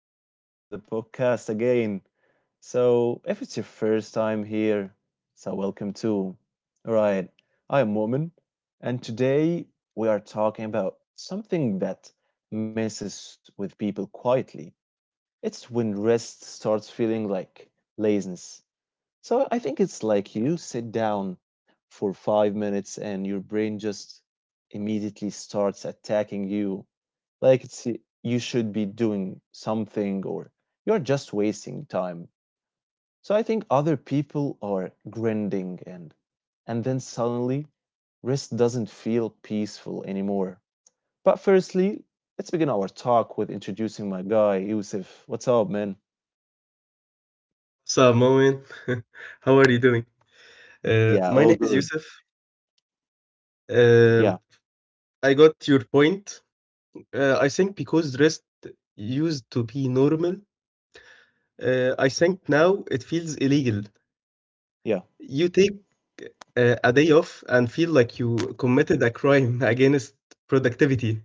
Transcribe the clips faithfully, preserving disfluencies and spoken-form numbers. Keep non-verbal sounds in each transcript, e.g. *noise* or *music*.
Welcome back to the podcast again. So, if it's your first time here, so welcome too. All right, I am Mu'min, and today we are talking about something that messes with people quietly. It's when rest starts feeling like laziness. So, I think it's like you sit down for five minutes and your brain just immediately starts attacking you like it's you should be doing something or you're just wasting time. So I think other people are grinding and and then suddenly rest doesn't feel peaceful anymore. But firstly, let's begin our talk with introducing my guy, Yusuf. What's up, man? What's up, Moin? *laughs* How are you doing? Uh, Yeah, My name all is good. Yusuf. Yeah, Um, I got your point. Uh, I think because rest used to be normal, uh, I think now it feels illegal. yeah, You take uh, a day off and feel like you committed a crime *laughs* against productivity.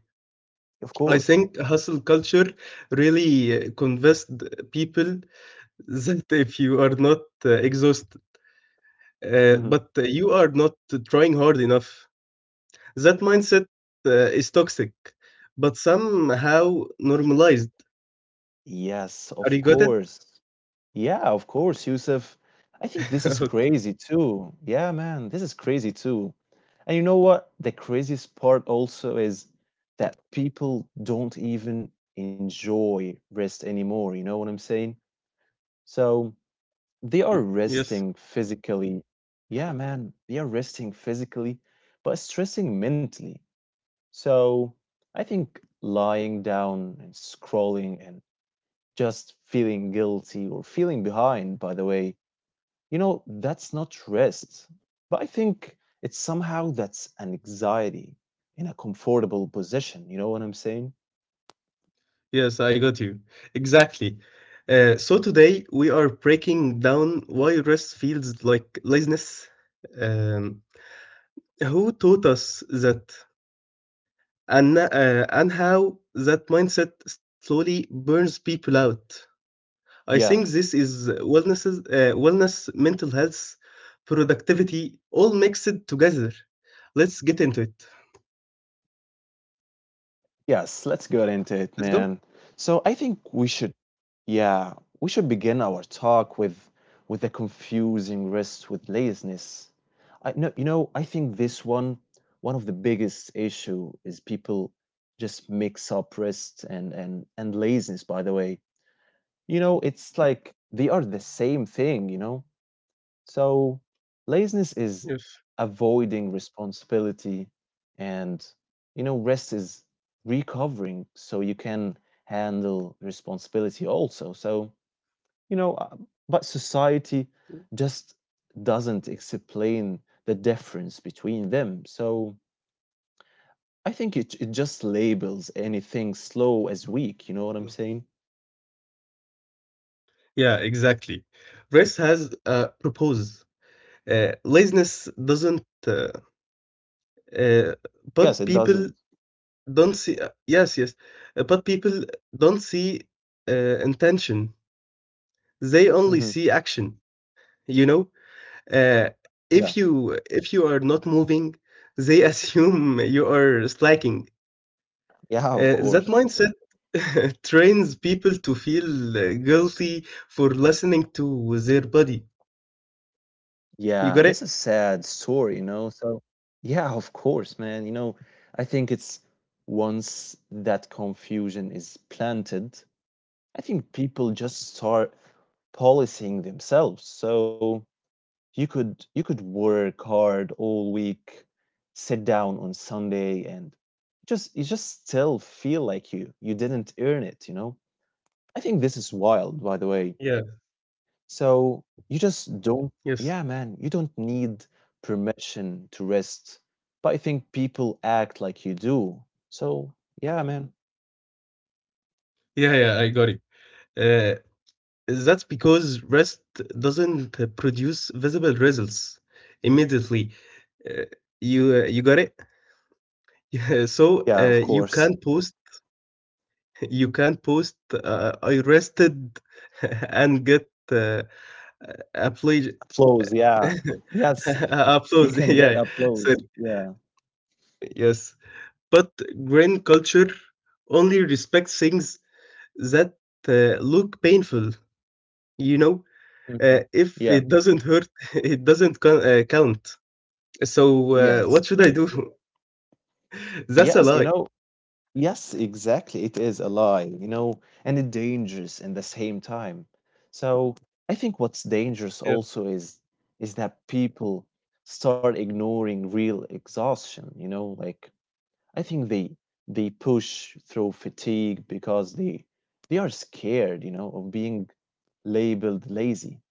of I course. think hustle culture really uh, convinced people *laughs* that if you are not uh, exhausted, uh, Hmm. but uh, you are not trying hard enough. That mindset uh, is toxic, but somehow normalized. Yes, Are of you got it? course. Yeah, of course, Yusuf. I think *laughs* this is Okay. crazy too. Yeah, man, this is crazy too. And you know what? The craziest part also is that people don't even enjoy rest anymore. You know what I'm saying? So they are Yes. resting physically. Yeah, man, they are resting physically, but stressing mentally. So I think lying down and scrolling and just feeling guilty or feeling behind, by the way, you know, that's not rest, but I think it's somehow that's an anxiety in a comfortable position. You know what I'm saying? Yes, I got you. Exactly. Uh, so today we are breaking down why rest feels like laziness. Um, who taught us that, and uh, and how that mindset slowly burns people out. I Yeah. think this is wellness, uh, wellness, mental health, productivity, all mixed together. Let's get into it. Yes, let's get into it, Let's man. go. So I think we should, yeah, we should begin our talk with with a confusing rest with laziness. I know. You know, I think this one, one of the biggest issue is people just mix up rest and and and laziness, by the way. You know, it's like they are the same thing, you know? So laziness is Yes. avoiding responsibility and, you know, rest is recovering so you can handle responsibility also. So, you know, uh, but society just doesn't explain the difference between them. So I think it it just labels anything slow as weak, you know what I'm saying? Yeah, exactly. Rest has uh, proposed, uh, laziness doesn't, uh, uh, Yes, but it people doesn't. don't see. Uh, yes, yes, uh, but people don't see uh, intention. They only Hmm. see action. You know, uh, if Yeah. you if you are not moving, they *laughs* assume you are slacking. Yeah, of Uh, that course. mindset *laughs* trains people to feel uh, guilty for listening to their body. Yeah, You got this is it? sad story, you know. So, yeah, of course, man. You know, I think it's once that confusion is planted, I think people just start policing themselves. So you could you could work hard all week, sit down on Sunday, and just you just still feel like you you didn't earn it, you know. I think this is wild, by the Yeah, way. So you just don't, yes. yeah, man, you don't need permission to rest. But I think people act like you do. So yeah, man. Yeah, yeah, I got it. Uh, that's because rest doesn't uh, produce visible results immediately. Uh, you uh, you got it? *laughs* Yeah, so Yeah, of uh, you course. can post *laughs* you can post uh, I rested *laughs* and get uh, applause Applause. Yeah. Yes, *laughs* you applause. *laughs* can get Yeah. applause. So Yeah. yes. But grain culture only respects things that uh, look painful, you know? Uh, Mhm. If it Yeah. doesn't hurt, *laughs* it doesn't co- uh, count. So, uh, Yes. what should I do? *laughs* That's a Yes, you lie. know, yes, exactly. It is a lie, you know, and it dangerous in the same time. So I think what's dangerous Yeah, also is is that people start ignoring real exhaustion, you know, like I think they they push through fatigue because they they are scared, you know, of being labeled lazy,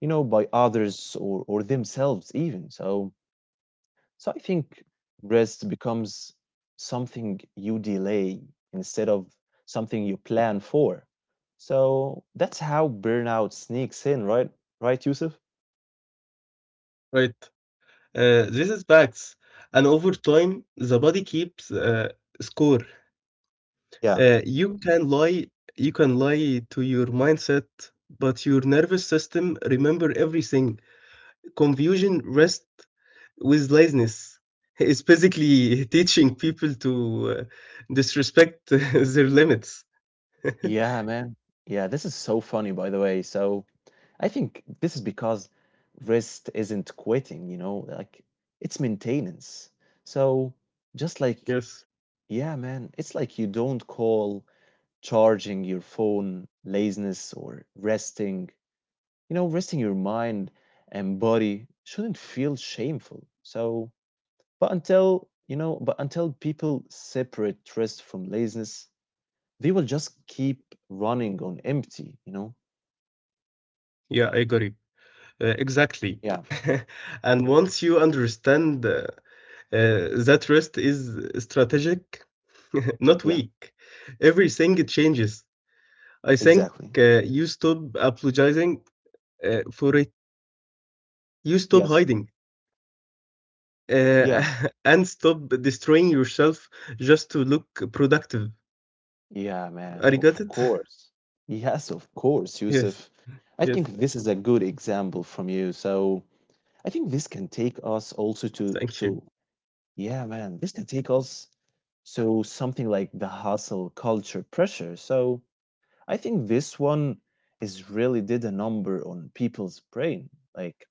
you know, by others or or themselves even. So so I think rest becomes something you delay instead of something you plan for. So that's how burnout sneaks in, right? Right, Yusuf? right. Uh, this is facts. And over time, the body keeps uh, score. Yeah. Uh, you can lie, you can lie to your mindset, but your nervous system remember everything. Confusion, rest, with laziness. *laughs* It's basically teaching people to uh, disrespect *laughs* their limits. Yeah, man. Yeah, this is so funny, by the way. So I think this is because rest isn't quitting, you know, like it's maintenance. So just like, Yes. yeah, man, it's like you don't call charging your phone laziness or resting. You know, resting your mind and body shouldn't feel shameful. So, but until, you know, but until people separate rest from laziness, they will just keep running on empty, you know? Yeah, I agree. Uh, exactly. Yeah, *laughs* And once you understand uh, uh, that rest is strategic, *laughs* not yeah, weak, everything it changes. I think exactly. uh, you stop apologizing uh, for it, you stop Yes, hiding, uh, yeah, *laughs* and stop destroying yourself just to look productive. yeah, man, I of got it? course. Yes, of *laughs* course, Yes. Yusuf. I Yes, think this is a good example from you. So, I think this can take us also to thank you. to yeah, man, this can take us. So something like the hustle culture pressure. So I think this one is really did a number on people's brain. Like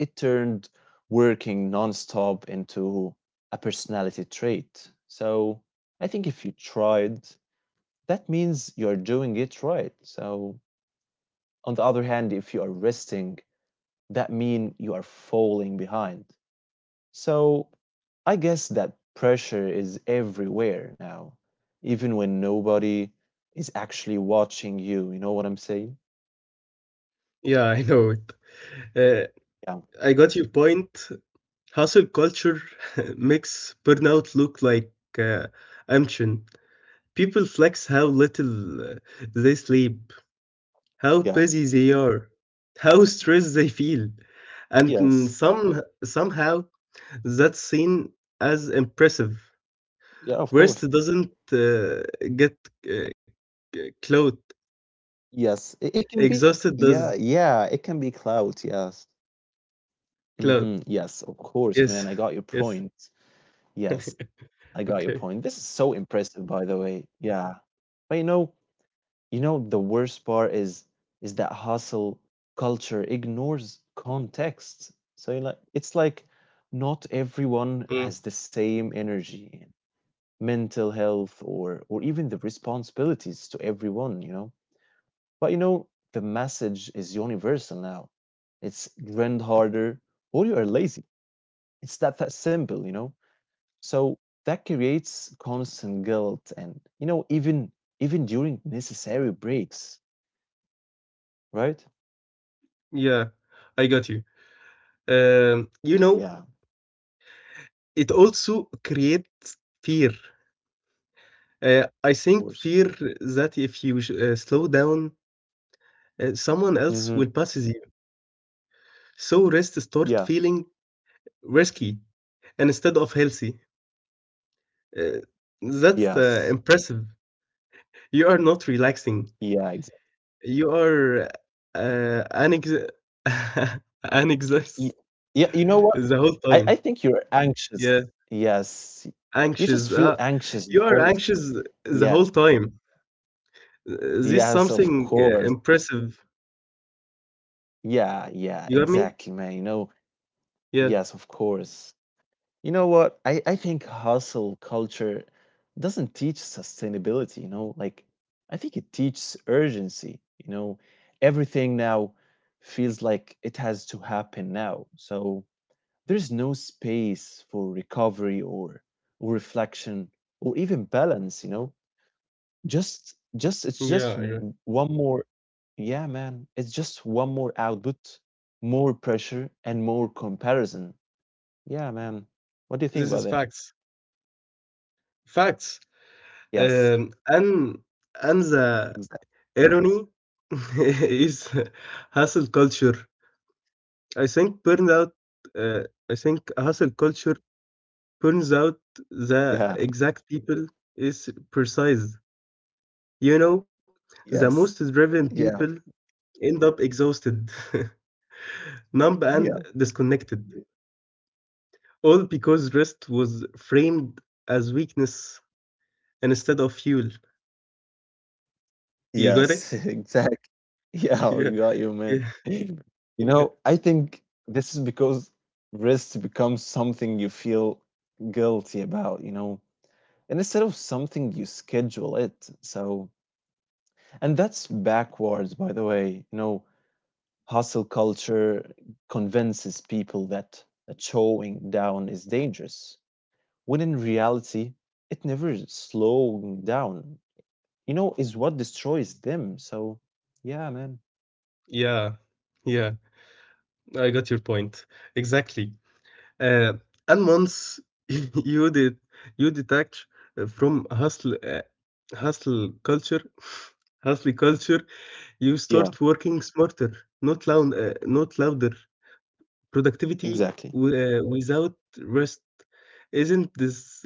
it turned working nonstop into a personality trait. So I think if you tried, that means you're doing it right. So on the other hand, if you are resting, that mean you are falling behind. So I guess that pressure is everywhere now, even when nobody is actually watching you. You know what I'm saying? Yeah, I know it. Uh, Yeah. I got your point. Hustle culture *laughs* makes burnout look like uh, ambition. People flex how little uh, they sleep, how Yeah. busy they are, how stressed they feel, and mm, Yes. some somehow that's seen as impressive. Yeah, of Rest course. doesn't uh, get uh, c- clout. Yes. It, it can be. Exhausted does Yeah. Yeah. It can be clout. Yes. clout. Mm-hmm. Yes. Of course, Yes, man. I got *laughs* your yes. point. Yes. *laughs* I got your Okay. point. This is so impressive, by the way. Yeah. But you know, You know, the worst part is is that hustle culture ignores context. So you like it's like not everyone Mm, has the same energy, mental health or or even the responsibilities to everyone, you know. But you know, the message is universal now. It's grind harder or you are lazy. It's that that simple, you know. So that creates constant guilt and you know even even during necessary breaks, right? yeah, I got you. Um, you know, Yeah, of it also creates fear. Uh, I think course. fear that if you sh- uh, slow down, uh, someone else will Mhm. passes you. So rest start Yeah. feeling risky and instead of healthy. Uh, that's uh, Yes. impressive. You are not relaxing. Yeah, exactly. You are uh, anex- *laughs* anxious Yeah, you know what? the whole I I time. think you're Yeah, anxious. Yes. You just anxious. feel Uh, anxious the You are whole. anxious the Yeah. whole time. This Yes, of something uh, course. impressive. Yeah, You yeah, got me? exactly, man. You know, Yeah. yes, of course. You know what? I I think hustle culture doesn't teach sustainability, you know? Like I think it teaches urgency, you know? Everything now feels like it has to happen now. So there's no space for recovery or, or reflection or even balance, you know? Just just it's Yeah, just yeah. w- one more, yeah, man. It's just one more output, more pressure and more comparison. Yeah, man. What do you think This about is that? facts. Facts. Yes. um, and and the Exactly. irony *laughs* is hustle culture. I think burns out. Uh, I think hustle culture burns out the Yeah. exact people is precise. You know, the most Yes. driven people Yeah. end up exhausted, *laughs* numb, and Yeah. disconnected. All because rest was framed as weakness instead of fuel. You got it? Yes. *laughs* Exactly. *laughs* *laughs* Yeah, Yeah. we got you, man. Yeah. *laughs* You Yeah. know, I think this is because rest becomes something you feel guilty about, you know, and instead of something you schedule it. So, and that's backwards, by the way. You know, hustle culture convinces people that, that slowing down is dangerous, when in reality, it never slowing down, you know, is what destroys them. So, yeah, man. Yeah. Yeah. I got your point. Exactly. Uh, and once *laughs* you did you detach uh, from hustle uh, hustle culture, *laughs* hustle culture, you start Yeah, working smarter, not loud, uh, not louder. Productivity exactly. w- uh, without rest isn't this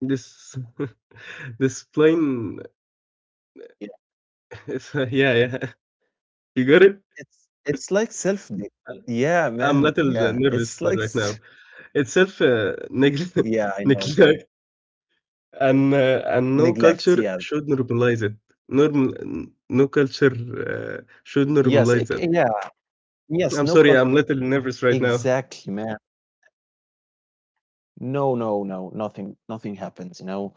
this *laughs* This plane *laughs* is uh, yeah, yeah. *laughs* You got it? It's it's like self neg. Yeah, I'm a little man, uh, yeah. nervous It's right like now. s. It's self uh, neglect, *laughs* *laughs* Yeah, I know. neglect and, uh, and no Neglect, culture yes. should normalize it. Normal, no culture uh, should Yes, it normalize that. yeah, yes, no I'm culture. sorry, I'm a little nervous right now. Exactly, man. No, no, no, nothing nothing happens, you know?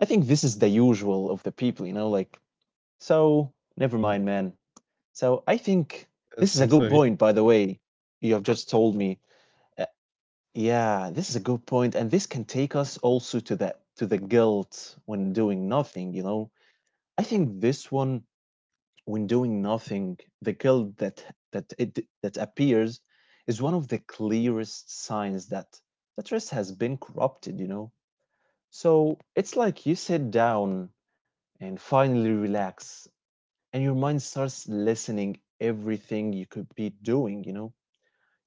I think this is the usual of the people, you know, like, so never mind, man. So I think this Yes, is a I'm good sorry. point, *clears throat* by the way, you have just told me. Uh, yeah, this is a good point, and this can take us also to that to the guilt when doing nothing, you know? I think this one, when doing nothing, the guilt that that it that appears is one of the clearest signs that that rest has been corrupted, you know. So it's like you sit down and finally relax, and your mind starts listening everything you could be doing, you know.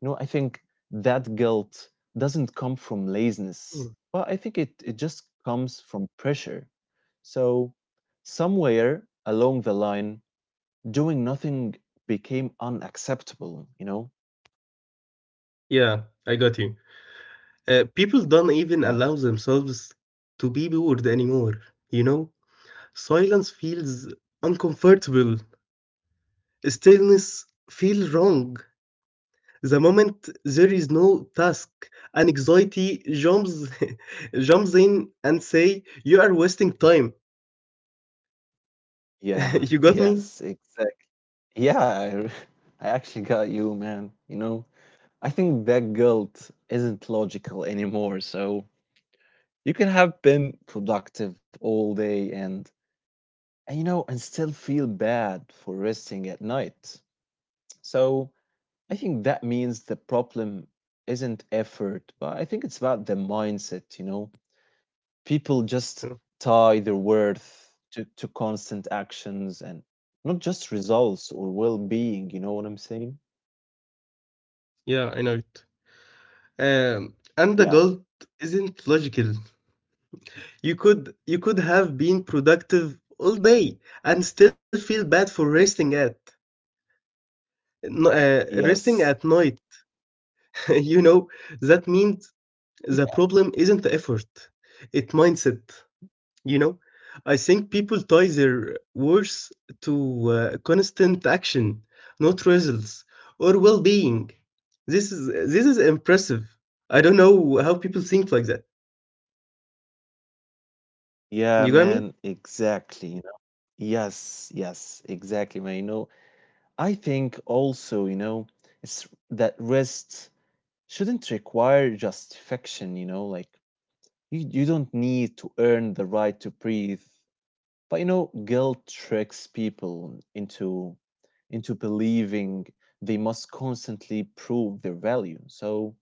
You know, I think that guilt doesn't come from laziness, Mm. but I think it, it just comes from pressure. So somewhere along the line, doing nothing became unacceptable, you know? Yeah, I got you. Uh, people don't even Yeah. allow themselves to be bored anymore, you know? Silence feels uncomfortable. Stillness feels wrong. The moment there is no task, anxiety jumps *laughs* jumps in and say you are wasting time. Yeah. *laughs* You *laughs* got me? Yes, exactly. Yeah, I, re- *laughs* I actually got you, man. You know, I think that guilt isn't logical anymore. So you can have been productive all day and, and you know, and still feel bad for resting at night. So I think that means the problem isn't effort, but I think it's about the mindset, you know? People just tie their worth to, to constant actions and not just results or well-being, you know what I'm saying? Yeah, I know it. Um, and the Yeah. guilt isn't logical. You could you could have been productive all day and still feel bad for resting at no- uh, resting Yes. at night. *laughs* You know that means the Yeah, problem isn't effort, it mindset. You know, I think people tie their worth to uh, constant action, not results or well-being. This is this is impressive. I don't know how people think like that. yeah, You got me? man, exactly, you know. Yes, yes, exactly, man. You know, I think also, you know, it's that rest shouldn't require justification, you know, like you, you don't need to earn the right to breathe. But you know, guilt tricks people into into believing they must constantly prove their value. So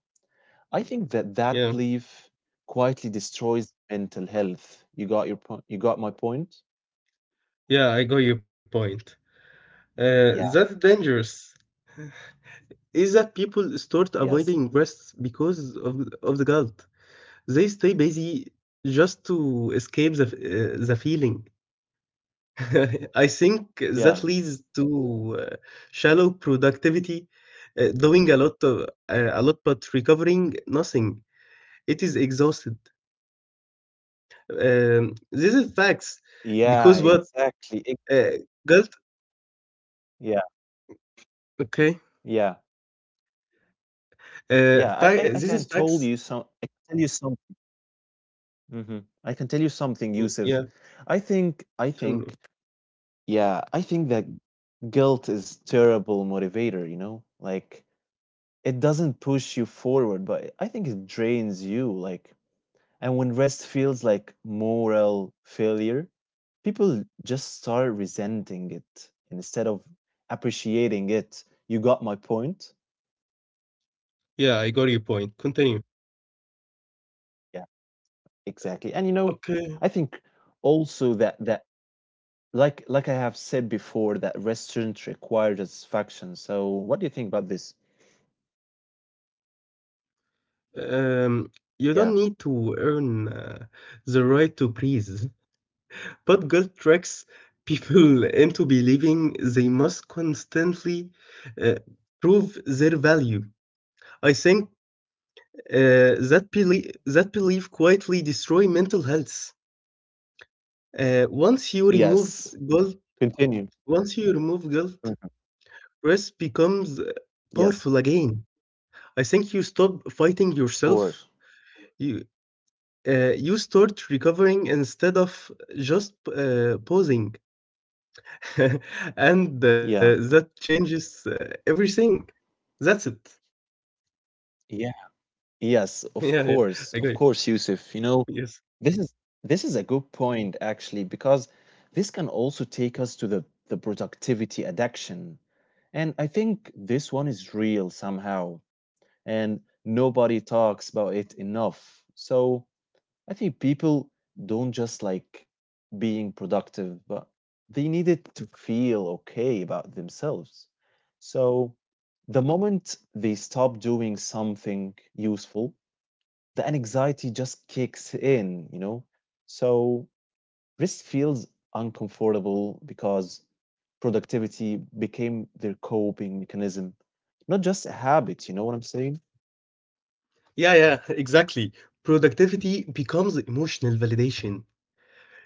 I think that that Yeah, belief quietly destroys mental health. You got your point. You got my point. yeah, I got your point. Uh, that's Yeah. dangerous. Is that people start avoiding Yes. rest because of of the guilt? They stay busy just to escape the f- uh, the feeling. *laughs* I think that Yeah. leads to uh, shallow productivity, uh, doing a lot, of, uh, a lot but recovering nothing. It is exhausted. Um, this is facts Yeah. because what Exactly. Ex- uh, guilt? Yeah. Okay, Yeah. uh, Yeah. I I, fa- I this can is tell facts. you some. I can tell you some. Mhm. I can tell you something, Y- Yusuf. Yeah, I think I tell think me. yeah, I think that guilt is terrible motivator, you know? Like it doesn't push you forward, but I think it drains you like and when rest feels like moral failure, people just start resenting it instead of appreciating it. You got my point? Yeah, I got your point. Continue. Yeah, exactly. And you know, Okay. I think also that that like like I have said before that rest shouldn't require satisfaction. So what do you think about this? Um, you don't Yeah. need to earn uh, the right to breathe. But guilt tricks people *laughs* into believing they must constantly uh, prove their value. I think uh, that, belie- that belief quietly destroy mental health. Uh, once you remove Yes. guilt, Continue. once you remove guilt, Mhm. rest becomes uh, Yes, powerful again. I think you stop fighting of yourself. course. You uh, you start recovering instead of just uh, posing. *laughs* And, uh, that Yeah. changes, uh, everything. That's it. *laughs* Yeah. Yes, Yeah, yeah. of course. Agree. Of course, Yusuf. You know, Yes. this is this is a good point actually because this can also take us to the the productivity addiction. And I think this one is real somehow and nobody talks about it enough. So, I think people don't just like being productive, but they needed to feel okay about themselves. So the moment they stop doing something useful, the anxiety just kicks in, you know? So rest feels uncomfortable because productivity became their coping mechanism, not just a habit, you know what I'm saying? Yeah, yeah, exactly. Productivity becomes emotional validation.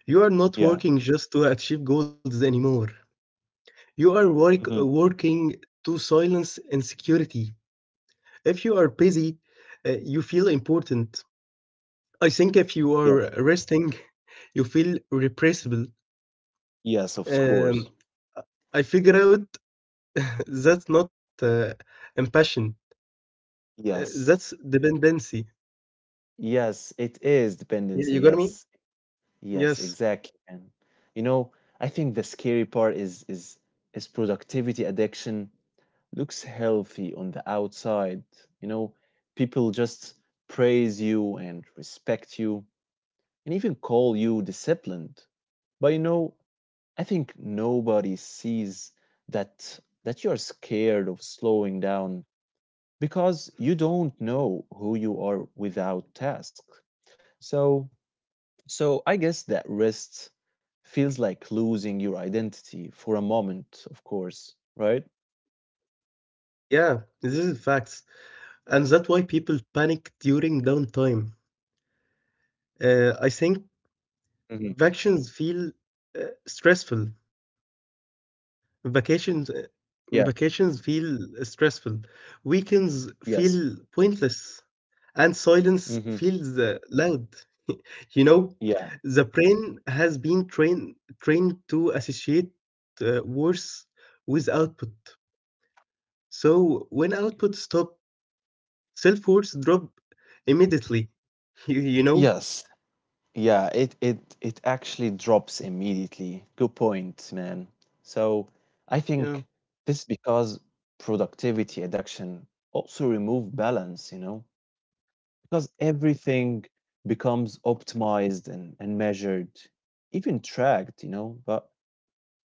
You are not Yeah. working just to achieve goals anymore. You are work, uh, hmm working to silence insecurity. If you are busy, uh, you feel important. I think if you Yes. are resting, you feel repressible. Yes, of course. Um, I I figure out *laughs* that's not uh, impassion. Uh, that's Yes. dependency. Yes, it is Yeah, you dependency. got me? Yes. Yes, Yes. exactly. And you know, I think the scary part is is is productivity addiction looks healthy on the outside. You know, people just praise you and respect you and even call you disciplined. But you know, I think nobody sees that that you're scared of slowing down because you don't know who you are without tasks. So so I guess that rest feels like losing your identity for a moment, of course, right? Yeah, this is facts. And that's why people panic during downtime. Uh, I think hmm vacations feel uh, stressful. Vacations uh, Yeah. Vacations feel stressful. Weekends feel Yes. pointless. And silence hmm feels uh, loud. You know, Yeah. the brain has been trained trained to associate uh, worse with output. So when output stop, self-worth drop immediately. *laughs* You, you know? Yes. Yeah. It it it actually drops immediately. Good point, man. So I think Yeah, this because productivity addiction also remove balance, you know, because everything becomes optimized and, and measured, even tracked, you know, but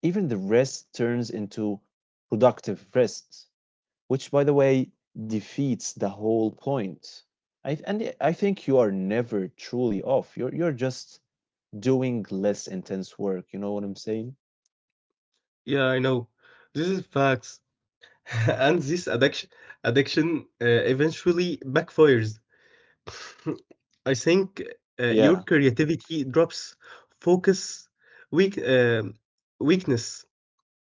even the rest turns into productive rest, which, by the way, defeats the whole point. I, and I think you are never truly off. You're, you're just doing less intense work. You know what I'm saying? yeah, I know. This is facts. *laughs* And this addiction, addiction uh, eventually backfires. *laughs* I think uh, your Yeah. creativity drops, focus, weak, um weakness,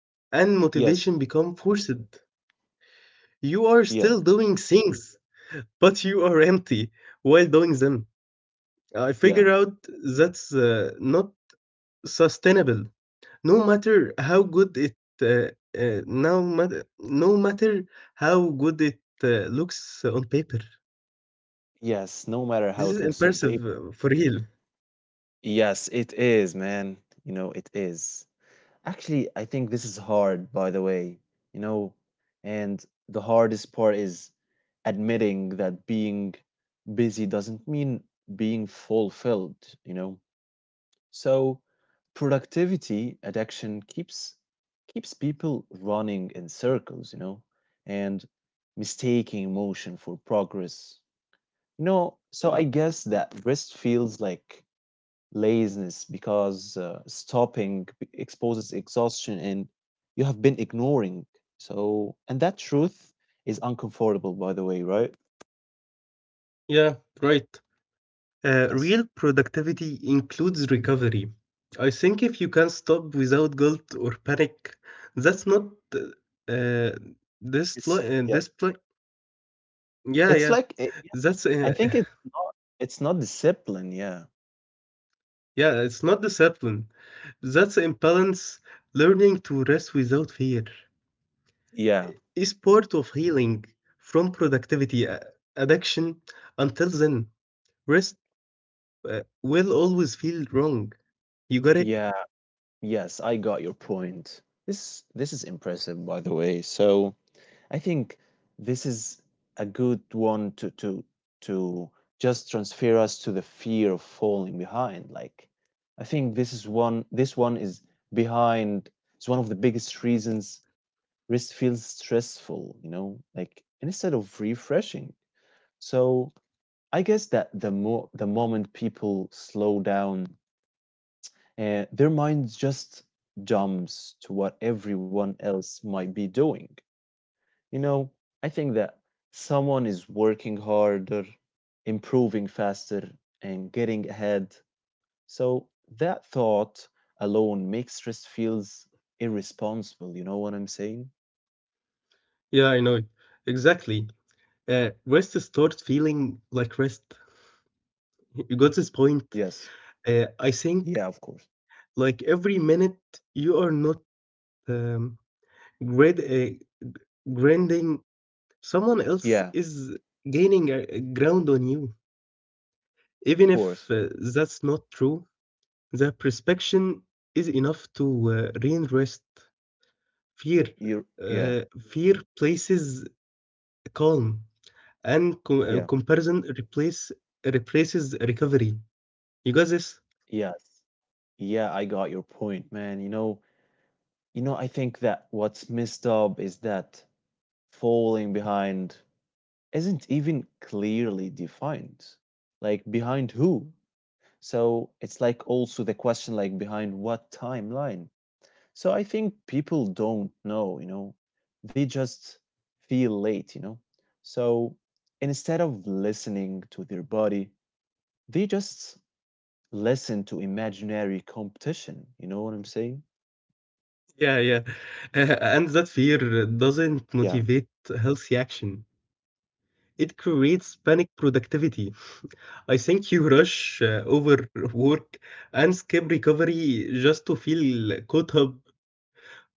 and motivation Yes. become forced. You are still Yeah. doing things, but you are empty while doing them. I Yeah. figure out that's uh, not sustainable no matter how good it uh, uh, no, mat- no matter how good it uh, looks on paper. Yes. No matter how it This is looks on paper. impressive uh, for real. Yes, it is, man. You know, it is. Actually, I think this is hard, by the way, you know, and the hardest part is admitting that being busy doesn't mean being fulfilled, you know. So productivity addiction keeps keeps people running in circles, you know, and mistaking motion for progress. You know, so I guess that rest feels like laziness because uh, stopping exposes exhaustion and you have been ignoring. So, and that truth is uncomfortable, by the way, right? Yeah, right. uh, Yes. Real productivity includes recovery. I think if you can stop without guilt or panic, that's not uh, uh, this lo- It's, uh, this yeah. pl- yeah yeah It's like, it, that's uh, I think *laughs* it's not, it's not discipline. Yeah. yeah, it's not discipline. That's imbalance. Learning to rest without fear Yeah. is part of healing from productivity uh, addiction. Until then, rest uh, will always feel wrong. You got it? Yeah. Yes. I got your point. This, this is impressive, by the way. So, I think this is a good one to to to just transfer us to the fear of falling behind. Like I think this is one this one is behind it's one of the biggest reasons risk feels stressful, you know, like instead of refreshing. So I guess that the more the moment people slow down, uh, their minds just jumps to what everyone else might be doing. You know, I think that someone is working harder, improving faster, and getting ahead. So that thought alone makes stress feels irresponsible. You know what I'm saying? Yeah, I know. Exactly. Uh, rest starts feeling like rest. You got this point. Yes. Uh, I think Yeah, of course. like every minute you are not um, grad- uh, grinding, someone else is Yeah, of gaining uh, ground on you. Even if course. uh, that's not true, the perception is enough to uh, reinforce fear. You yeah, Uh, Fear places calm, and com- uh, yeah. comparison replace replaces recovery. You got this? Yes. Yeah, I got your point, man. You know, You know, I think that what's messed up is that falling behind isn't even clearly defined. Like, behind who? So it's like also the question, like, behind what timeline? So I think people don't know, you know, they just feel late, you know. So instead of listening to their body, they just listen to imaginary competition. You know what I'm saying? Yeah, yeah. *laughs* And that fear doesn't Yeah. motivate healthy action. It creates panic productivity. I think you rush uh, over and skip recovery just to feel caught up.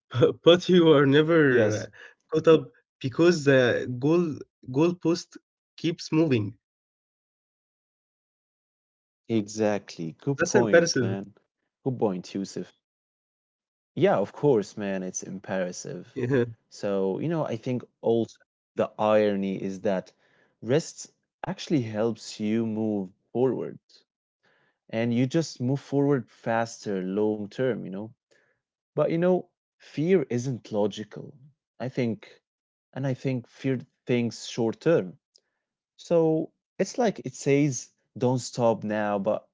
*laughs* But you are never Yes. uh, caught up because the goal goalpost keeps moving. Exactly. Good That's point, impressive. man. *laughs* Good point, Yusuf. Yeah, of course, man, it's imperative. Yeah, So, you know, I think also the irony is that rest actually helps you move forward and you just move forward faster long term, you know. But, you know, fear isn't logical. I think, and I think fear thinks short term. So it's like it says, don't stop now, but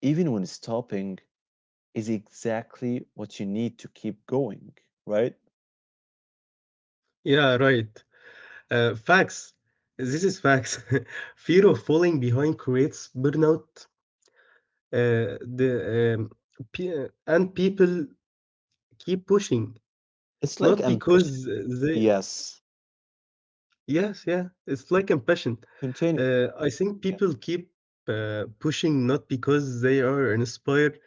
even when stopping, is exactly what you need to keep going, right? yeah, right. Uh, facts. This is facts. *laughs* Fear of falling behind creates burnout. Uh, the um, pe- uh, and people keep It's, pushing, it's like not ambition. because they. Yes. Yes, yeah. It's like compassion. Continue. Uh, I think Yeah, people keep uh, pushing not because they are inspired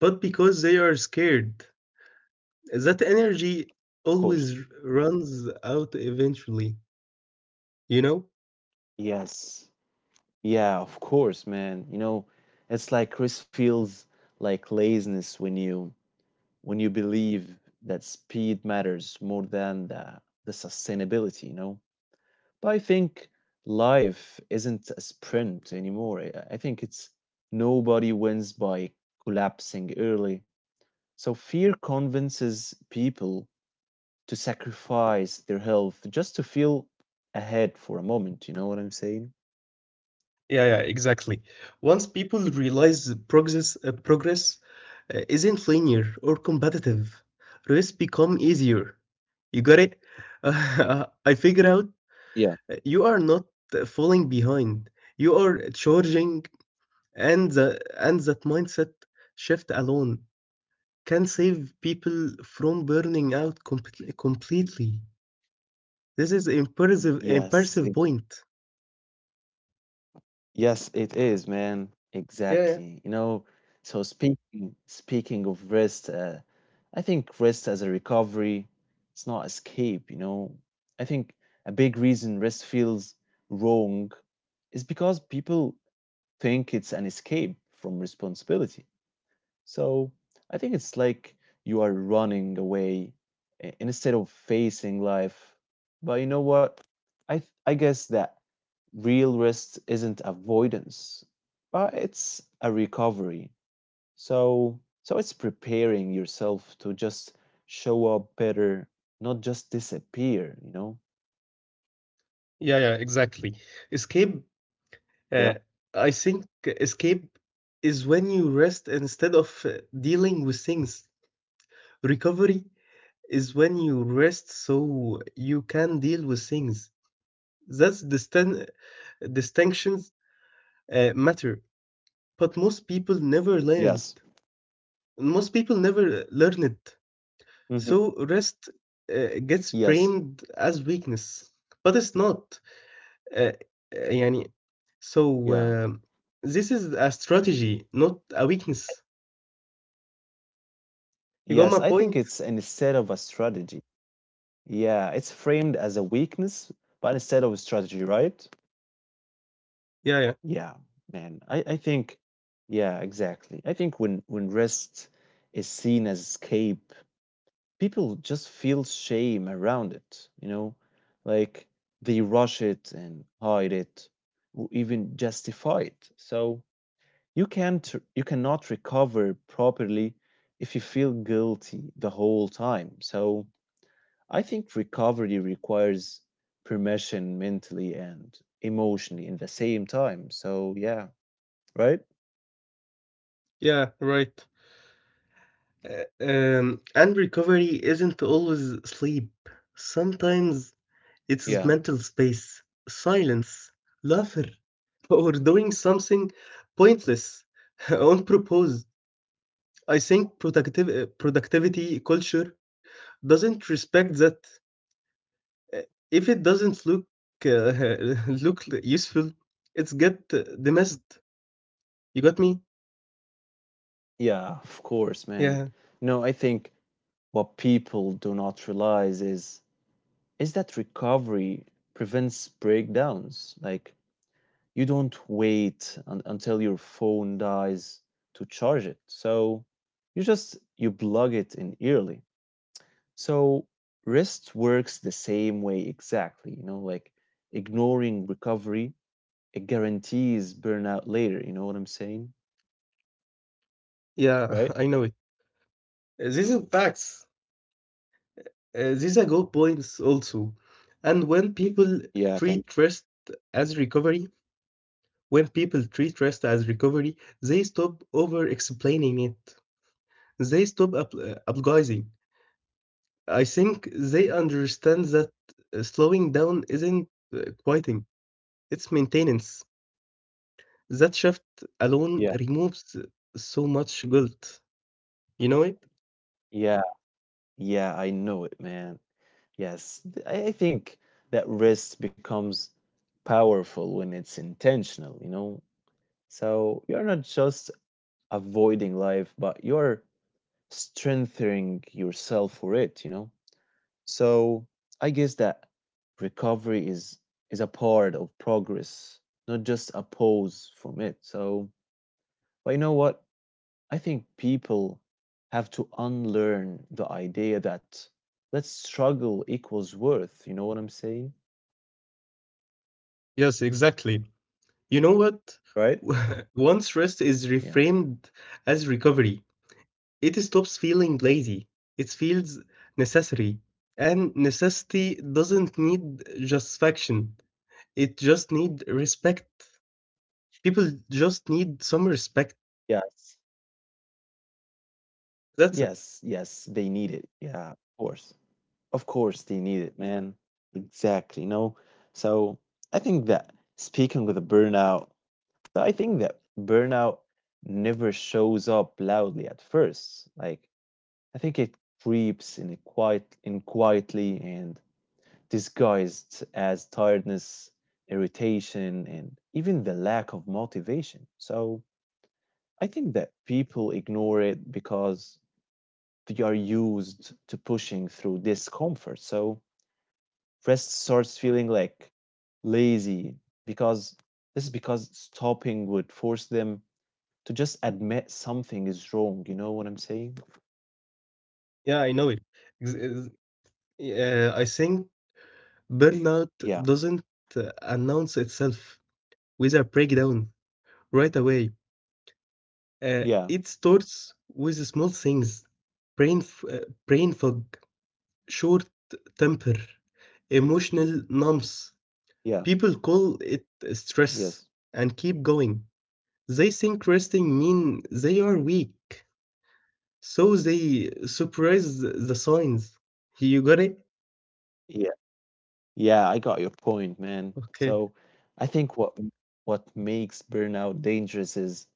but because they are scared, that energy of course. always runs out eventually, you know? Yes. Yeah, of course, man. You know, it's like Chris feels like laziness when you when you believe that speed matters more than the the sustainability, you know? But I think life isn't a sprint anymore. I I think it's nobody wins by collapsing early. So fear convinces people to sacrifice their health just to feel ahead for a moment. You know what I'm saying? Yeah, yeah, exactly. Once people realize the progress, uh, progress uh, isn't linear or competitive, race become easier. You got it? *laughs* I figure out Yeah. uh, you are not uh, falling behind. You are charging, and the, and that mindset shift alone can save people from burning out compl- completely. This is impressive Yes, it, impressive point. yes, it is, man. Yeah, yeah, Exactly. You know, so speaking speaking of rest, uh, I think rest as a recovery, it's not escape, you know. I think a big reason rest feels wrong is because people think it's an escape from responsibility. So I think it's like you are running away i- instead of facing life. But you know what? I th- I guess that real rest isn't avoidance, but it's a recovery. So so it's preparing yourself to just show up better, not just disappear, you know? yeah, yeah, exactly. Escape, Yeah. uh, I think escape is when you rest instead of uh, dealing with things. Recovery is when you rest so you can deal with things. That's distin- distinctions uh, matter, but most people never learn Yes. it. Most people never learn it. hmm So rest uh, gets Yes. framed as weakness, but it's not. Uh, uh, يعني, so Yeah. uh, this is a strategy, not a weakness. You got Yes, my I think point? it's an instead of a strategy. Yeah, it's framed as a weakness, but instead of a strategy, right? Yeah, yeah, Yeah, man. I, I think, yeah, exactly. I think when when rest is seen as escape, people just feel shame around it, you know? Like they rush it and hide it, or even justify it. So you can't you cannot recover properly if you feel guilty the whole time. So I think recovery requires permission mentally and emotionally in the same time. So yeah, right? yeah, right. Uh, um, and recovery isn't always sleep. Sometimes it's Yeah. mental space, silence, laughter, *laughs* or doing something pointless *laughs* on purpose. I think productiv- uh, productivity culture doesn't respect that. Uh, If it doesn't look uh, *laughs* look useful, it's get uh, dismissed. You got me? Yeah, of course, man. Yeah, No, I think what people do not realize is is that recovery prevents breakdowns. Like you don't wait un- until your phone dies to charge it. So you just you plug it in early. So rest works the same way exactly, you know, like ignoring recovery, it guarantees burnout later, you know what I'm saying? yeah, *laughs* Right? I know it. Uh, These are facts. Uh, These are good points also. And when people Yeah, thank you. treat rest as recovery, when people treat rest as recovery, they stop over explaining it. They stop ap- uh, apologizing. I think they understand that uh, slowing down isn't uh, quieting, it's maintenance. That shift alone Yeah. removes so much guilt. You know it? Yeah. Yeah, I know it, man. Yes. th- I I think that rest becomes powerful when it's intentional, you know? So you're not just avoiding life, but you're strengthening yourself for it, you know? So I guess that recovery is is a part of progress, not just a pause from it. So, but you know what? I think people have to unlearn the idea that that struggle equals worth. You know what I'm saying? Yes, exactly. You know what? Right? *laughs* Once rest is Yeah. reframed as recovery, it stops feeling lazy. It feels necessary. And necessity doesn't need justification, it just needs respect. People just need some respect. Yes. That's it. Yes. Yes. They need it. Yeah. Of course. Of course they need it, man. Exactly. You know. So I think that speaking with a burnout So I think that burnout never shows up loudly at first. Like I think it creeps in a quiet in quietly and disguised as tiredness, irritation, and even the lack of motivation. So I think that people ignore it because they are used to pushing through discomfort. So rest starts feeling like lazy because this is because stopping would force them to just admit something is wrong. You know what I'm saying? Yeah, I know it. Ex- ex- Yeah, I think burnout Yeah, doesn't uh, announce itself, with a breakdown right away. Uh, yeah, It starts with small things, brain, f- uh, brain fog, short temper, emotional numbs. yeah, People call it stress yes, and keep going. They think resting mean they are weak, so they suppress the signs. You got it? yeah, yeah. I got your point, man. Okay. So I think what what makes burnout dangerous is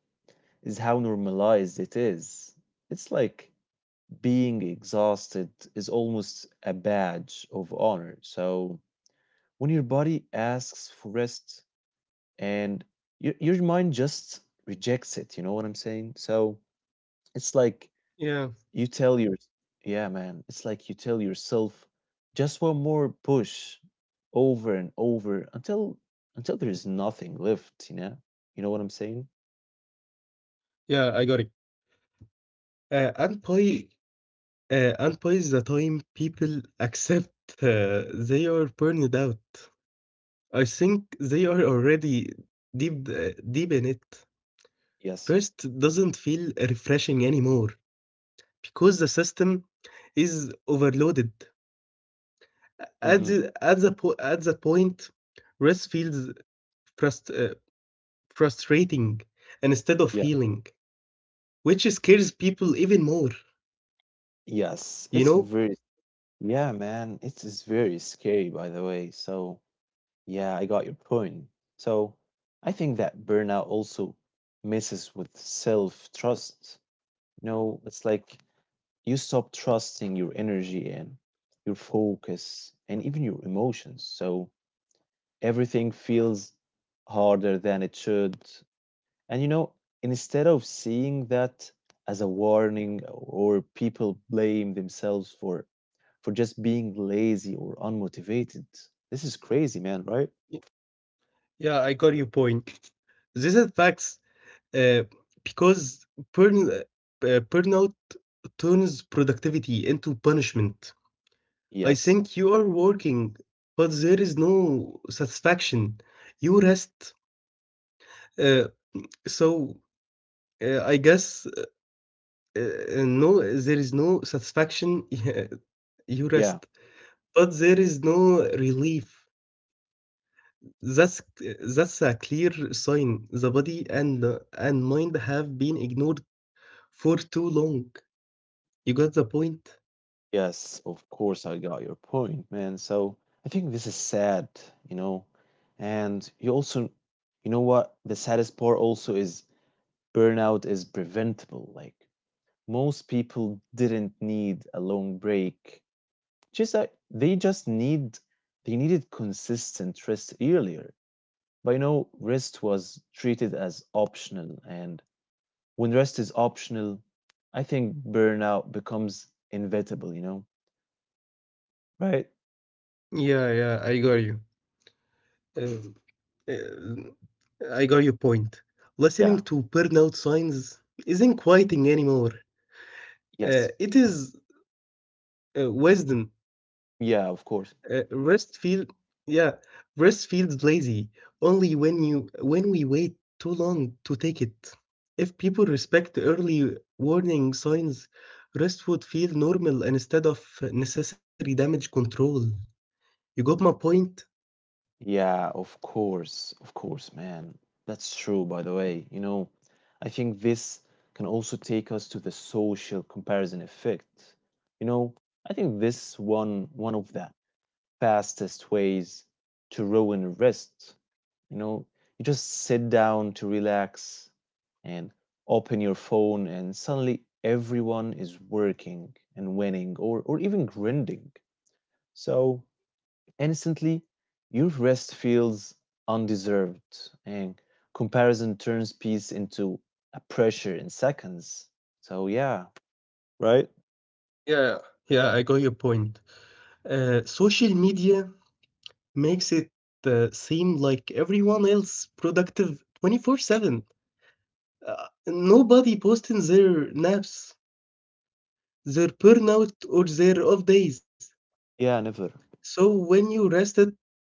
is how normalized it is. It's like being exhausted is almost a badge of honor. So when your body asks for rest and your your mind just rejects it, you know what I'm saying? So it's like Yeah. You tell your yeah, man. It's like you tell yourself just one more push over and over until until there's nothing left, you know? You know what I'm saying? Yeah, I got it. Uh, and by uh, and by the time people accept uh, they are burned out, I think they are already deep uh, deep in it. Yes. Rest doesn't feel refreshing anymore because the system is overloaded. At Mm-hmm. the, at the, po- at the point, rest feels frust- uh, frustrating instead of Yeah. healing, which scares people even more, Yes. you It's know? very yeah, man. It's, it's very scary by the way. So yeah, I got your point. So I think that burnout also messes with self trust. You know, it's like you stop trusting your energy and your focus and even your emotions. So everything feels harder than it should. And you know, instead of seeing that as a warning or people blame themselves for for just being lazy or unmotivated. This is crazy, man, right? Yeah, I got your point. This affects uh, because burn, uh, burnout turns productivity into punishment. I Yes. think you are working, but there is no satisfaction. You rest, uh, so uh, I guess uh, no, there is no satisfaction. *laughs* You rest, Yeah. but there is no relief. That's that's a clear sign. The body and and mind have been ignored for too long. You got the point? Yes, of course, I got your point, man. So I think this is sad, you know. And you also, you know what? The saddest part also is burnout is preventable. Like most people didn't need a long break. Just that they just need they needed consistent rest earlier. But you know, rest was treated as optional, and when rest is optional, I think burnout becomes inevitable, you know, right? Yeah, yeah, I got you. Um, uh, I got your point. Yeah. Listening to burnout signs isn't quieting anymore. Uh, Yes. It is uh, wisdom. Yeah, of course. Uh, rest feel yeah, Rest feels lazy only when you when we wait too long to take it. If people respect early warning signs, rest would feel normal instead of necessary damage control. You got my point? Yeah, of course. Of course, man. That's true, by the way. You know, I think this can also take us to the social comparison effect. You know, I think this one one of the fastest ways to ruin rest. You know, you just sit down to relax and open your phone and suddenly everyone is working and winning or or even grinding. So instantly, your rest feels undeserved, and comparison turns peace into a pressure in seconds. So, yeah, right? Yeah, yeah, I got your point. Uh, social media makes it uh, seem like everyone else productive twenty-four seven. Uh, nobody posting their naps, their burnout, or their off days. Yeah, never. So when you rested,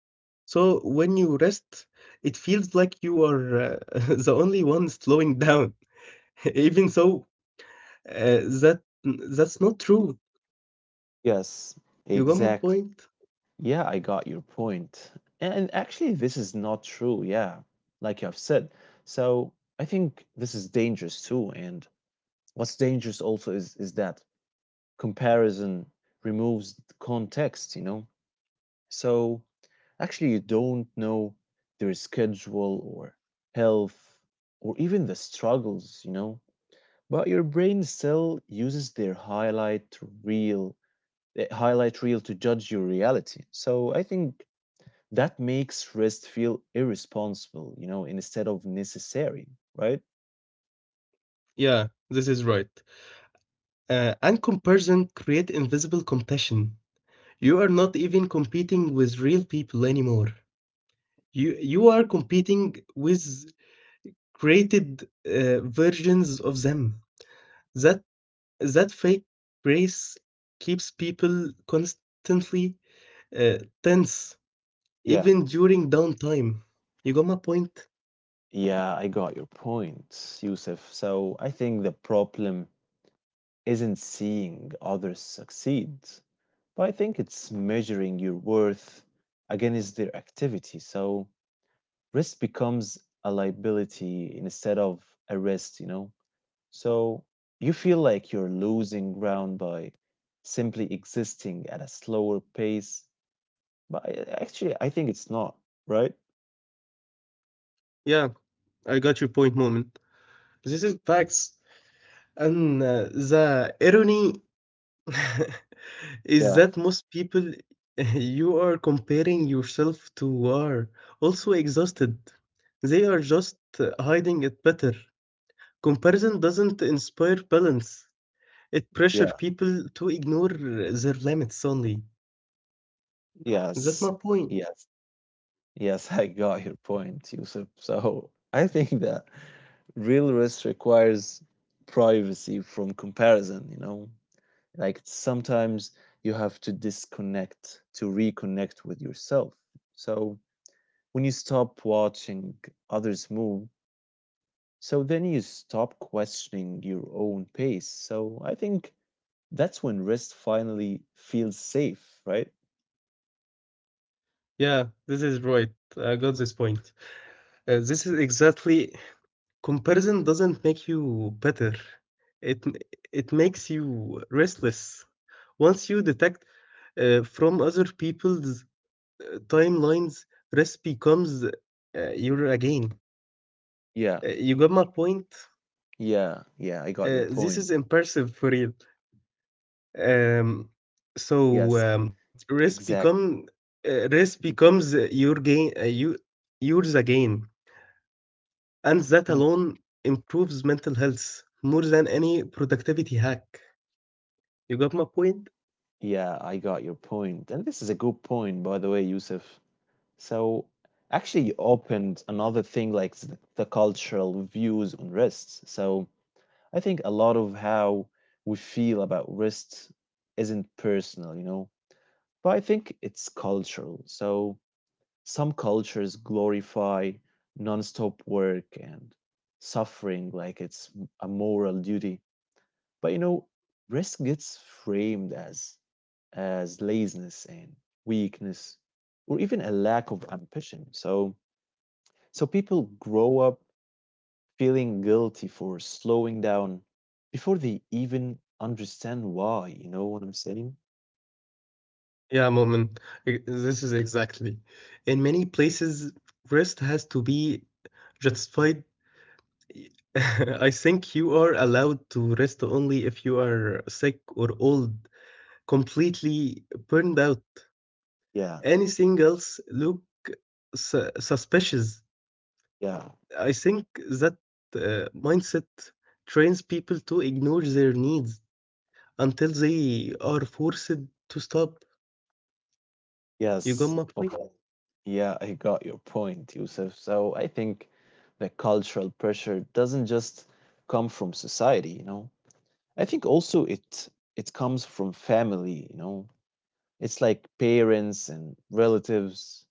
So when you rest, it feels like you are uh, *laughs* the only one slowing down. *laughs* Even so, uh, that that's not true. Yes, You got my point? exactly. Yeah, I got your point. And actually, this is not true. Yeah, like you have said. So I think this is dangerous too. And what's dangerous also is is that comparison removes the context, you know? So actually you don't know their schedule or health or even the struggles, you know. But your brain still uses their highlight reel, eh, highlight reel to judge your reality. So I think that makes rest feel irresponsible, you know, instead of necessary, right? Yeah, this is right. Uh, and comparison create invisible competition. You are not even competing with real people anymore. You you are competing with created uh, versions of them. That That fake brace keeps people constantly uh, tense, Yeah. even during downtime. You got my point? Yeah, I got your point, Yusuf. So I think the problem isn't seeing others succeed. But I think it's measuring your worth against their activity. So risk becomes a liability instead of a rest, you know? So you feel like you're losing ground by simply existing at a slower pace. But I- actually, I think it's not, right? Yeah, I got your point, moment. This is facts. And uh, the irony *laughs* is Yeah, that most people *laughs* you are comparing yourself to are also exhausted. They are just uh, hiding it better. Comparison doesn't inspire balance, it pressure yeah, people to ignore their limits only. That's yes, my point. yes, yes. *laughs* I got your point, Yusuf. So I think that real risk requires privacy from comparison, you know? Like sometimes you have to disconnect to reconnect with yourself. So when you stop watching others move, so then you stop questioning your own pace. So I think that's when rest finally feels safe, right? Yeah, this is right. I got this point. Uh, this is exactly. Comparison doesn't make you better. It m- it makes you restless. Once you detect uh, from other people's timelines, recipe comes uh, your again. Yeah, Uh, you got my point? yeah, yeah, I got your Uh, this point. is impressive for real. Um, so Yes, um, recipe exactly. come uh, Recipe comes uh, your gain uh, you yours again, and that alone improves mental health more than any productivity hack. You got my point? Yeah, I got your point point. And this is a good point, by the way, Yusuf. So actually, you opened another thing like the, the cultural views on rest. So I think a lot of how we feel about rest isn't personal, you know, but I think it's cultural. So some cultures glorify nonstop work and suffering like it's m- a moral duty. But you know, rest gets framed as as laziness and weakness or even a lack of ambition. So so people grow up feeling guilty for slowing down before they even understand why. You know what I'm saying? Yeah, Moment. This is exactly. In many places, rest has to be justified. *laughs* I think you are allowed to rest only if you are sick or old, completely burned out. Yeah, Anything else look su- suspicious. yeah, I think that uh, mindset trains people to ignore their needs until they are forced to stop. You got yes. my Of point? yeah, I got your point, Yusuf. So I think the cultural pressure doesn't just come from society, you know. I think also it it comes from family, you know. It's like parents and relatives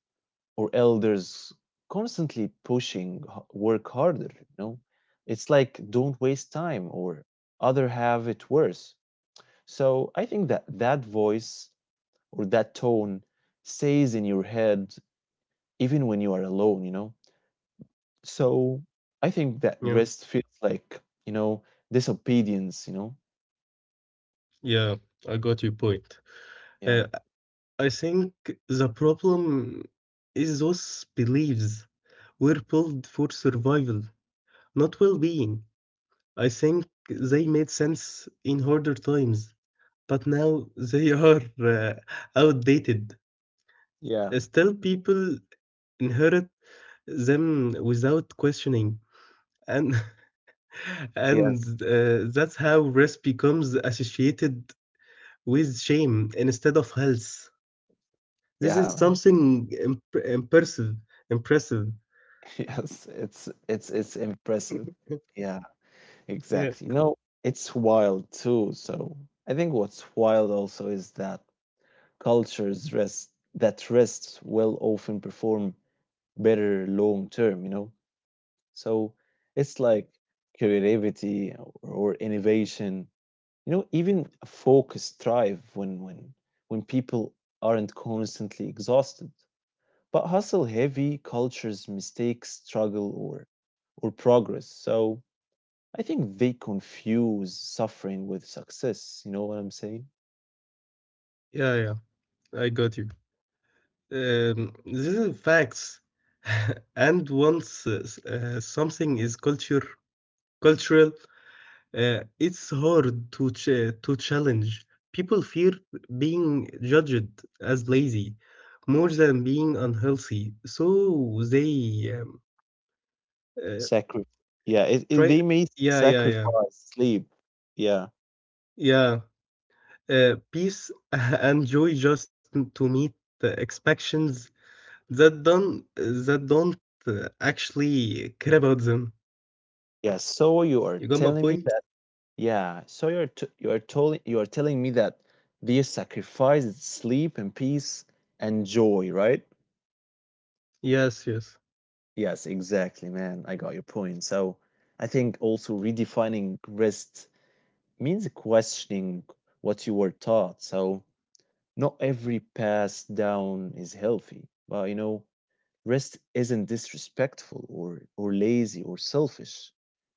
or elders constantly pushing h- work harder, you know. It's like don't waste time or other have it worse. So I think that that voice or that tone stays in your head even when you are alone, you know. So I think Yeah. that rest feels like, you know, disobedience, you know. Yeah, I got your point. Yeah, Uh, I think the problem is those beliefs were built for survival, not well being. I think they made sense in harder times, but now they *laughs* are uh, outdated. Uh, yeah, Still, people inherit them without questioning. And *laughs* and yes, uh, that's how risk becomes associated with shame instead of health. This is yeah, man. something imp- impressive, impressive. *laughs* Yes, it's it's it's Yeah, impressive, yeah. yeah, Exactly. You know, it's wild too. So I think what's wild also is that cultures rest that rest will often perform better long term, you know? So it's like creativity or innovation, you know, even a focused thrive when when when people aren't constantly exhausted. But hustle heavy cultures mistake struggle or or progress. So I think they confuse suffering with success. You know what I'm saying? yeah. I got you. Um, this is facts. *laughs* And once uh, s- uh, something is culture cultural, uh, it's hard to ch to challenge. People fear being judged as lazy more than being unhealthy, so they um, uh, Sacrifice. Yeah, it, it, try. they may Yeah, yeah, sacrifice yeah, sleep. Yeah, yeah. Uh, peace *laughs* and joy just to meet the expectations That don't that don't uh, actually care about them. yeah. So You you got are my telling point? me that. Yeah. So you're t- you are telling you are telling me that they sacrificed sleep and peace and joy, right? Yes, yes. Yes, exactly, man. I got your point. So I think also redefining rest means questioning what you were taught. So not every pass down is healthy, but you know, rest isn't disrespectful or or lazy or selfish.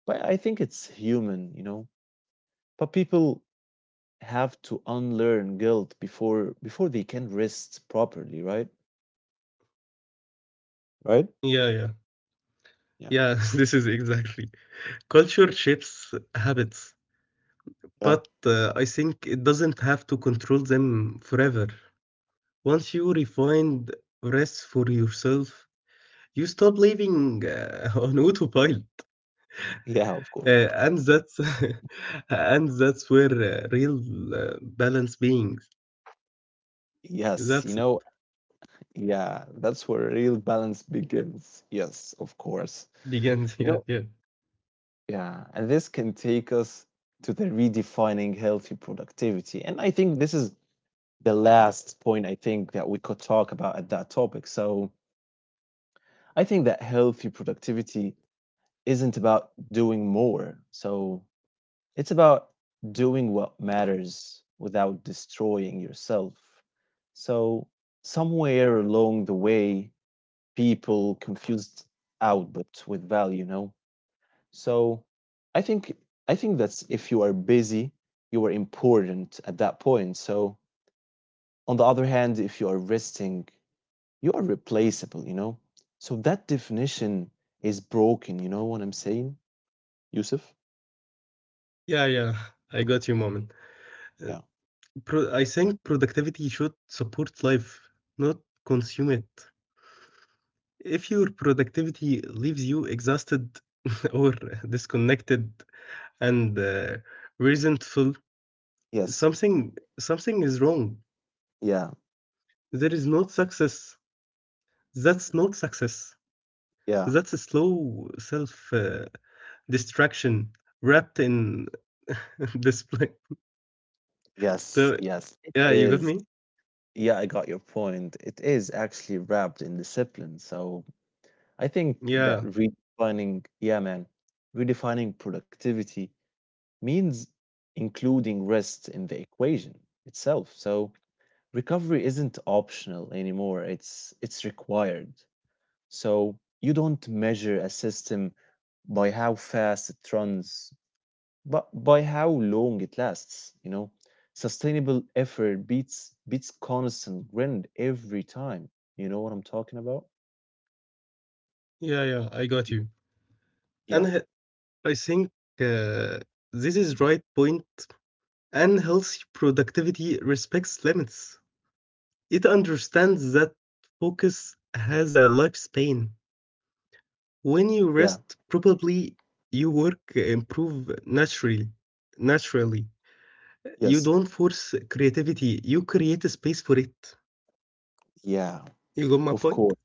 But I think it's human, you know. But people have to unlearn guilt before before they can rest properly, right? Right? Yeah, yeah. Yeah, Yeah. *laughs* this is exactly. Culture shapes habits, Yeah. but uh, I think it doesn't have to control them forever. Once you refine rest for yourself, you stop living uh, *laughs* on autopilot. Yeah, of course. Uh, and that's *laughs* and that's where uh, real uh, balance being, Yes, you that's it, know, yeah, that's where real balance begins. Yes, of course. begins. *laughs* You Yeah, know, yeah. yeah, and this can take us to the redefining healthy productivity. And I think this is the last point I think that we could talk about at that topic. So I think that healthy productivity isn't about doing more. So it's about doing what matters without destroying yourself. So somewhere along the way, people confused output with value, you know? So I think I think that's if you are busy, you are important at that point. So on the other hand, if you are resting, you are replaceable, you know? So that definition is broken, you know what I'm saying, Yusuf? Yeah, yeah. I got you, moment. Uh, Yeah. pro- I think productivity should support life, not consume it. If your productivity leaves you exhausted *laughs* or disconnected and uh, resentful, Yes. something something is wrong. Yeah. There is not success. That's not success. That's a Yeah. slow self uh, distraction wrapped in *laughs* display. Yes. So, Yes. It yeah, you got is. me? Yeah, I got your point. It is actually wrapped in discipline. So I think Yeah, that redefining, yeah, man, redefining productivity means including rest in the equation itself. So recovery isn't optional anymore. It's it's required. So you don't measure a system by how fast it runs, but by how long it lasts, you know. Sustainable effort beats beats constant grind every time. You know what I'm talking about? yeah, yeah. I got you. And Yeah. uh, I think uh, this is right point. And healthy productivity respects limits. It understands that focus has a lifespan. When you Yeah. rest, probably you work improve naturally. Naturally, you Yes. don't force creativity. You create a space for it. Yeah. You got my Of point? course.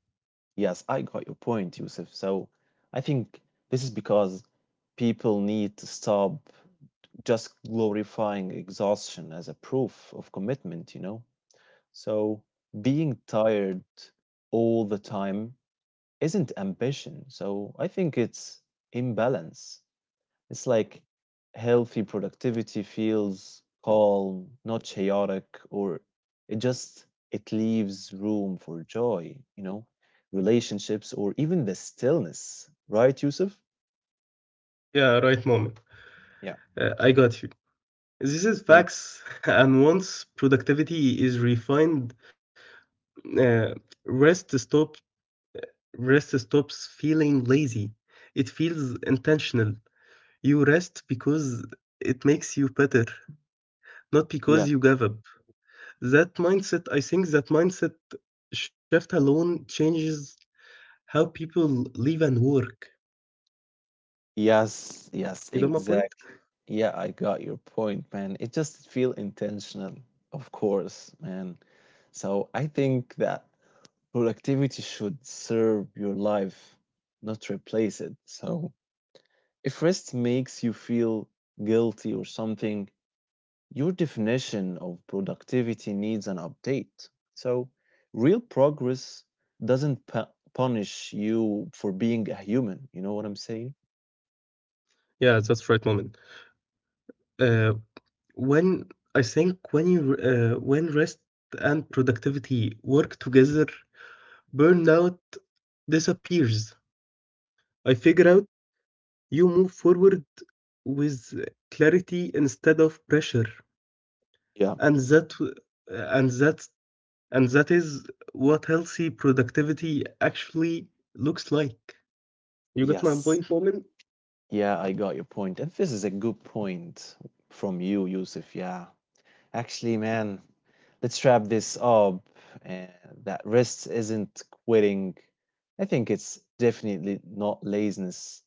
Yes, I got your point, Yusuf. So I think this is because people need to stop just glorifying exhaustion as a proof of commitment, you know? So being tired all the time isn't ambition. So I think it's imbalance. It's like healthy productivity feels calm, not chaotic, or it just it leaves room for joy, you know, relationships or even the stillness, right, Yusuf? Yeah, right, moment. Yeah. Uh, I got you. This is Thank facts. *laughs* And once productivity is refined, uh, rest stops Rest stops feeling lazy. It feels intentional. You rest because it makes you better, not yeah. because you gave up. That mindset, I think that mindset shift alone changes how people live and work. Yes, yes, You got my exact. point? Yeah, I got your point, man. It just feel intentional, of course, man. So I think that productivity should serve your life, not replace it. So if rest makes you feel guilty or something, your definition of productivity needs an update. So, real progress doesn't pu- punish you for being a human. You know what I'm saying? Yeah, that's right, moment. Uh, when I think when you uh, When rest and productivity work together, burnout disappears. I figure out, you move forward with clarity instead of pressure, Yeah. and that and that and that is what healthy productivity actually looks like. You got my point, Yes. Moment? Yeah, I got your point. And this is a good point from you, Yusuf. Yeah. Actually, man, let's wrap this up. Uh, that rest isn't quitting. I think it's definitely not laziness.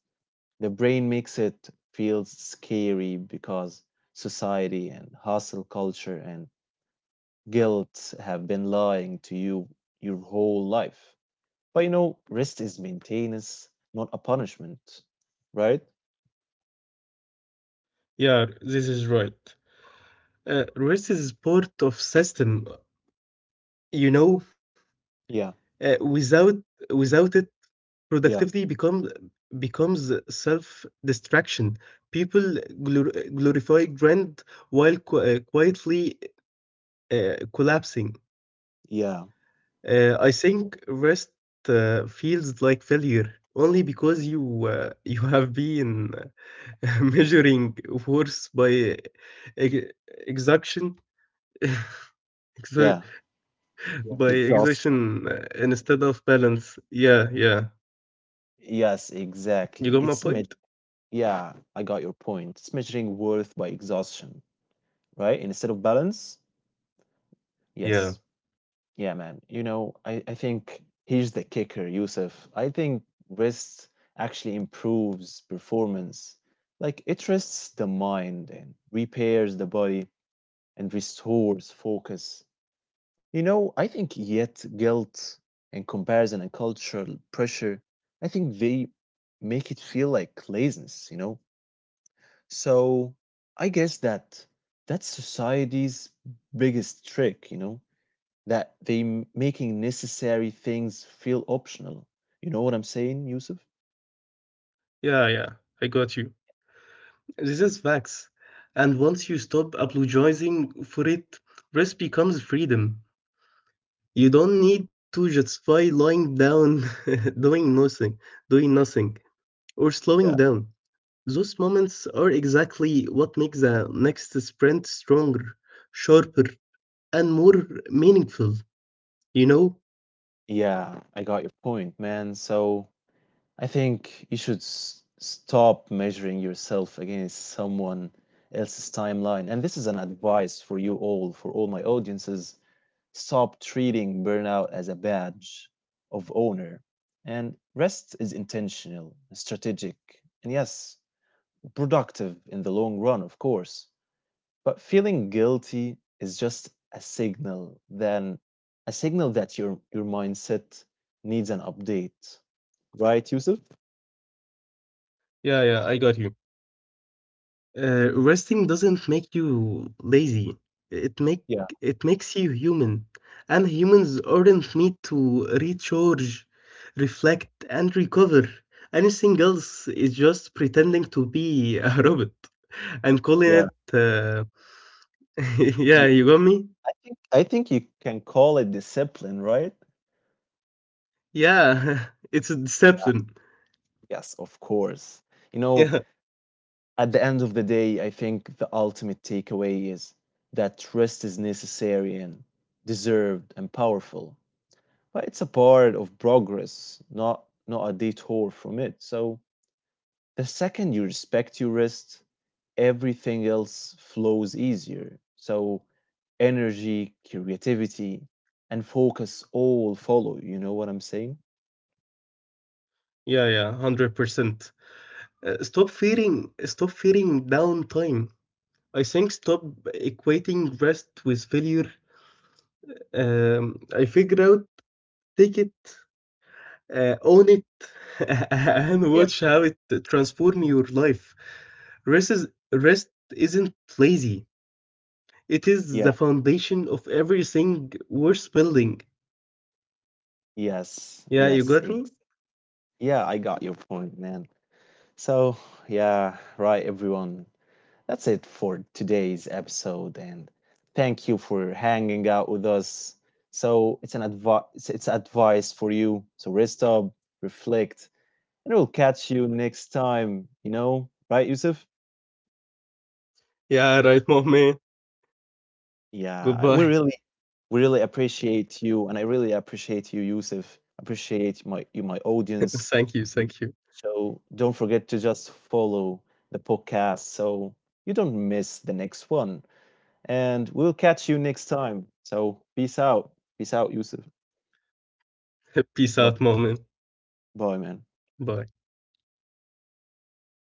The brain makes it feel scary because society and hustle culture and guilt have been lying to you your whole life. But you know, rest is maintenance, not a punishment, right? Yeah, this is right. Uh, rest is part of system. You know, Yeah, uh, without without it, productivity yeah, becomes becomes self distraction. People glor- glorify grind while qu- uh, quietly uh, collapsing. yeah, Uh, I think rest uh, feels like failure only because you uh, *laughs* you have been *laughs* measuring worth by ex- exhaustion *laughs* exa- yeah. Yeah. By Exhaustion. exhaustion uh, instead of balance. Yeah, yeah. Yes, You got exactly. my It's me- point? Yeah, I got your point. It's measuring worth by exhaustion, right? Instead of balance. Yes. Yeah. Yeah, man. You know, I, I think here's the kicker, Yusuf. I think rest actually improves performance. Like it rests the mind and repairs the body and restores focus. You know, I think yet guilt and comparison and cultural pressure, I think they make it feel like laziness, you know? So I guess that that's society's biggest trick, you know? That they making necessary things feel optional. You know what I'm saying, Yusuf? Yeah, yeah. I got you. This is facts. And once you stop apologizing for it, rest becomes freedom. You don't need to justify lying down, *laughs* doing nothing, doing nothing, or Yeah. slowing down. Those moments are exactly what makes the next sprint stronger, sharper, and more meaningful, you know? Yeah, I got your point, man. So I think you should s- stop measuring yourself against someone else's timeline. And this is an advice for you all, for all my audiences. Stop treating burnout as a badge of honor. And rest is intentional, strategic, and yes, productive in the long run, of course. But feeling guilty is just a signal, then a signal that your your mindset needs an update, right, Yusuf? Yeah, yeah, I got you. Uh, resting doesn't make you lazy. It make Yeah, it makes you human, and humans aren't need to recharge, reflect, and recover. Anything else is just pretending to be a *laughs* robot and calling yeah. it. Uh, *laughs* yeah, Th- you got me. I think I think you can call it discipline, right? Yeah, *laughs* it's a Yeah. deception. Yes, of course. You know, Yeah, at the end of the day, I think the ultimate takeaway is that rest is necessary and deserved and powerful. But it's a part of progress, not not a detour from it. So the second you respect your rest, everything else flows easier. So energy, creativity, and focus all follow. You know what I'm saying? yeah, yeah, hundred percent. Uh, stop fearing. Stop fearing downtime. I think stop equating rest with failure. Um, I figure out, take it, uh, own it, *laughs* and Yeah. watch how it transform your life. Rest is rest isn't lazy. It is Yeah. the foundation of everything worth building. Yes. Yeah, you Yes. got me. Ex- yeah, I got your point, man. So, yeah, right, everyone. That's it for today's episode, and thank you for hanging out with us. So it's an advice. It's it's advice for you. So rest up, reflect, and we'll catch you next time, you know, right, Yusuf? Yeah, right, moment. Yeah, we Goodbye. really, we really appreciate you, and I really appreciate you, Yusuf. Appreciate my you, my *laughs* Thank you, audience. thank you. So don't forget to just follow the podcast so you don't miss the next one. And we'll catch you next time. So peace out, peace out, Yusuf. *laughs* Peace out, Bye, moment. bye, man. Bye. Bye.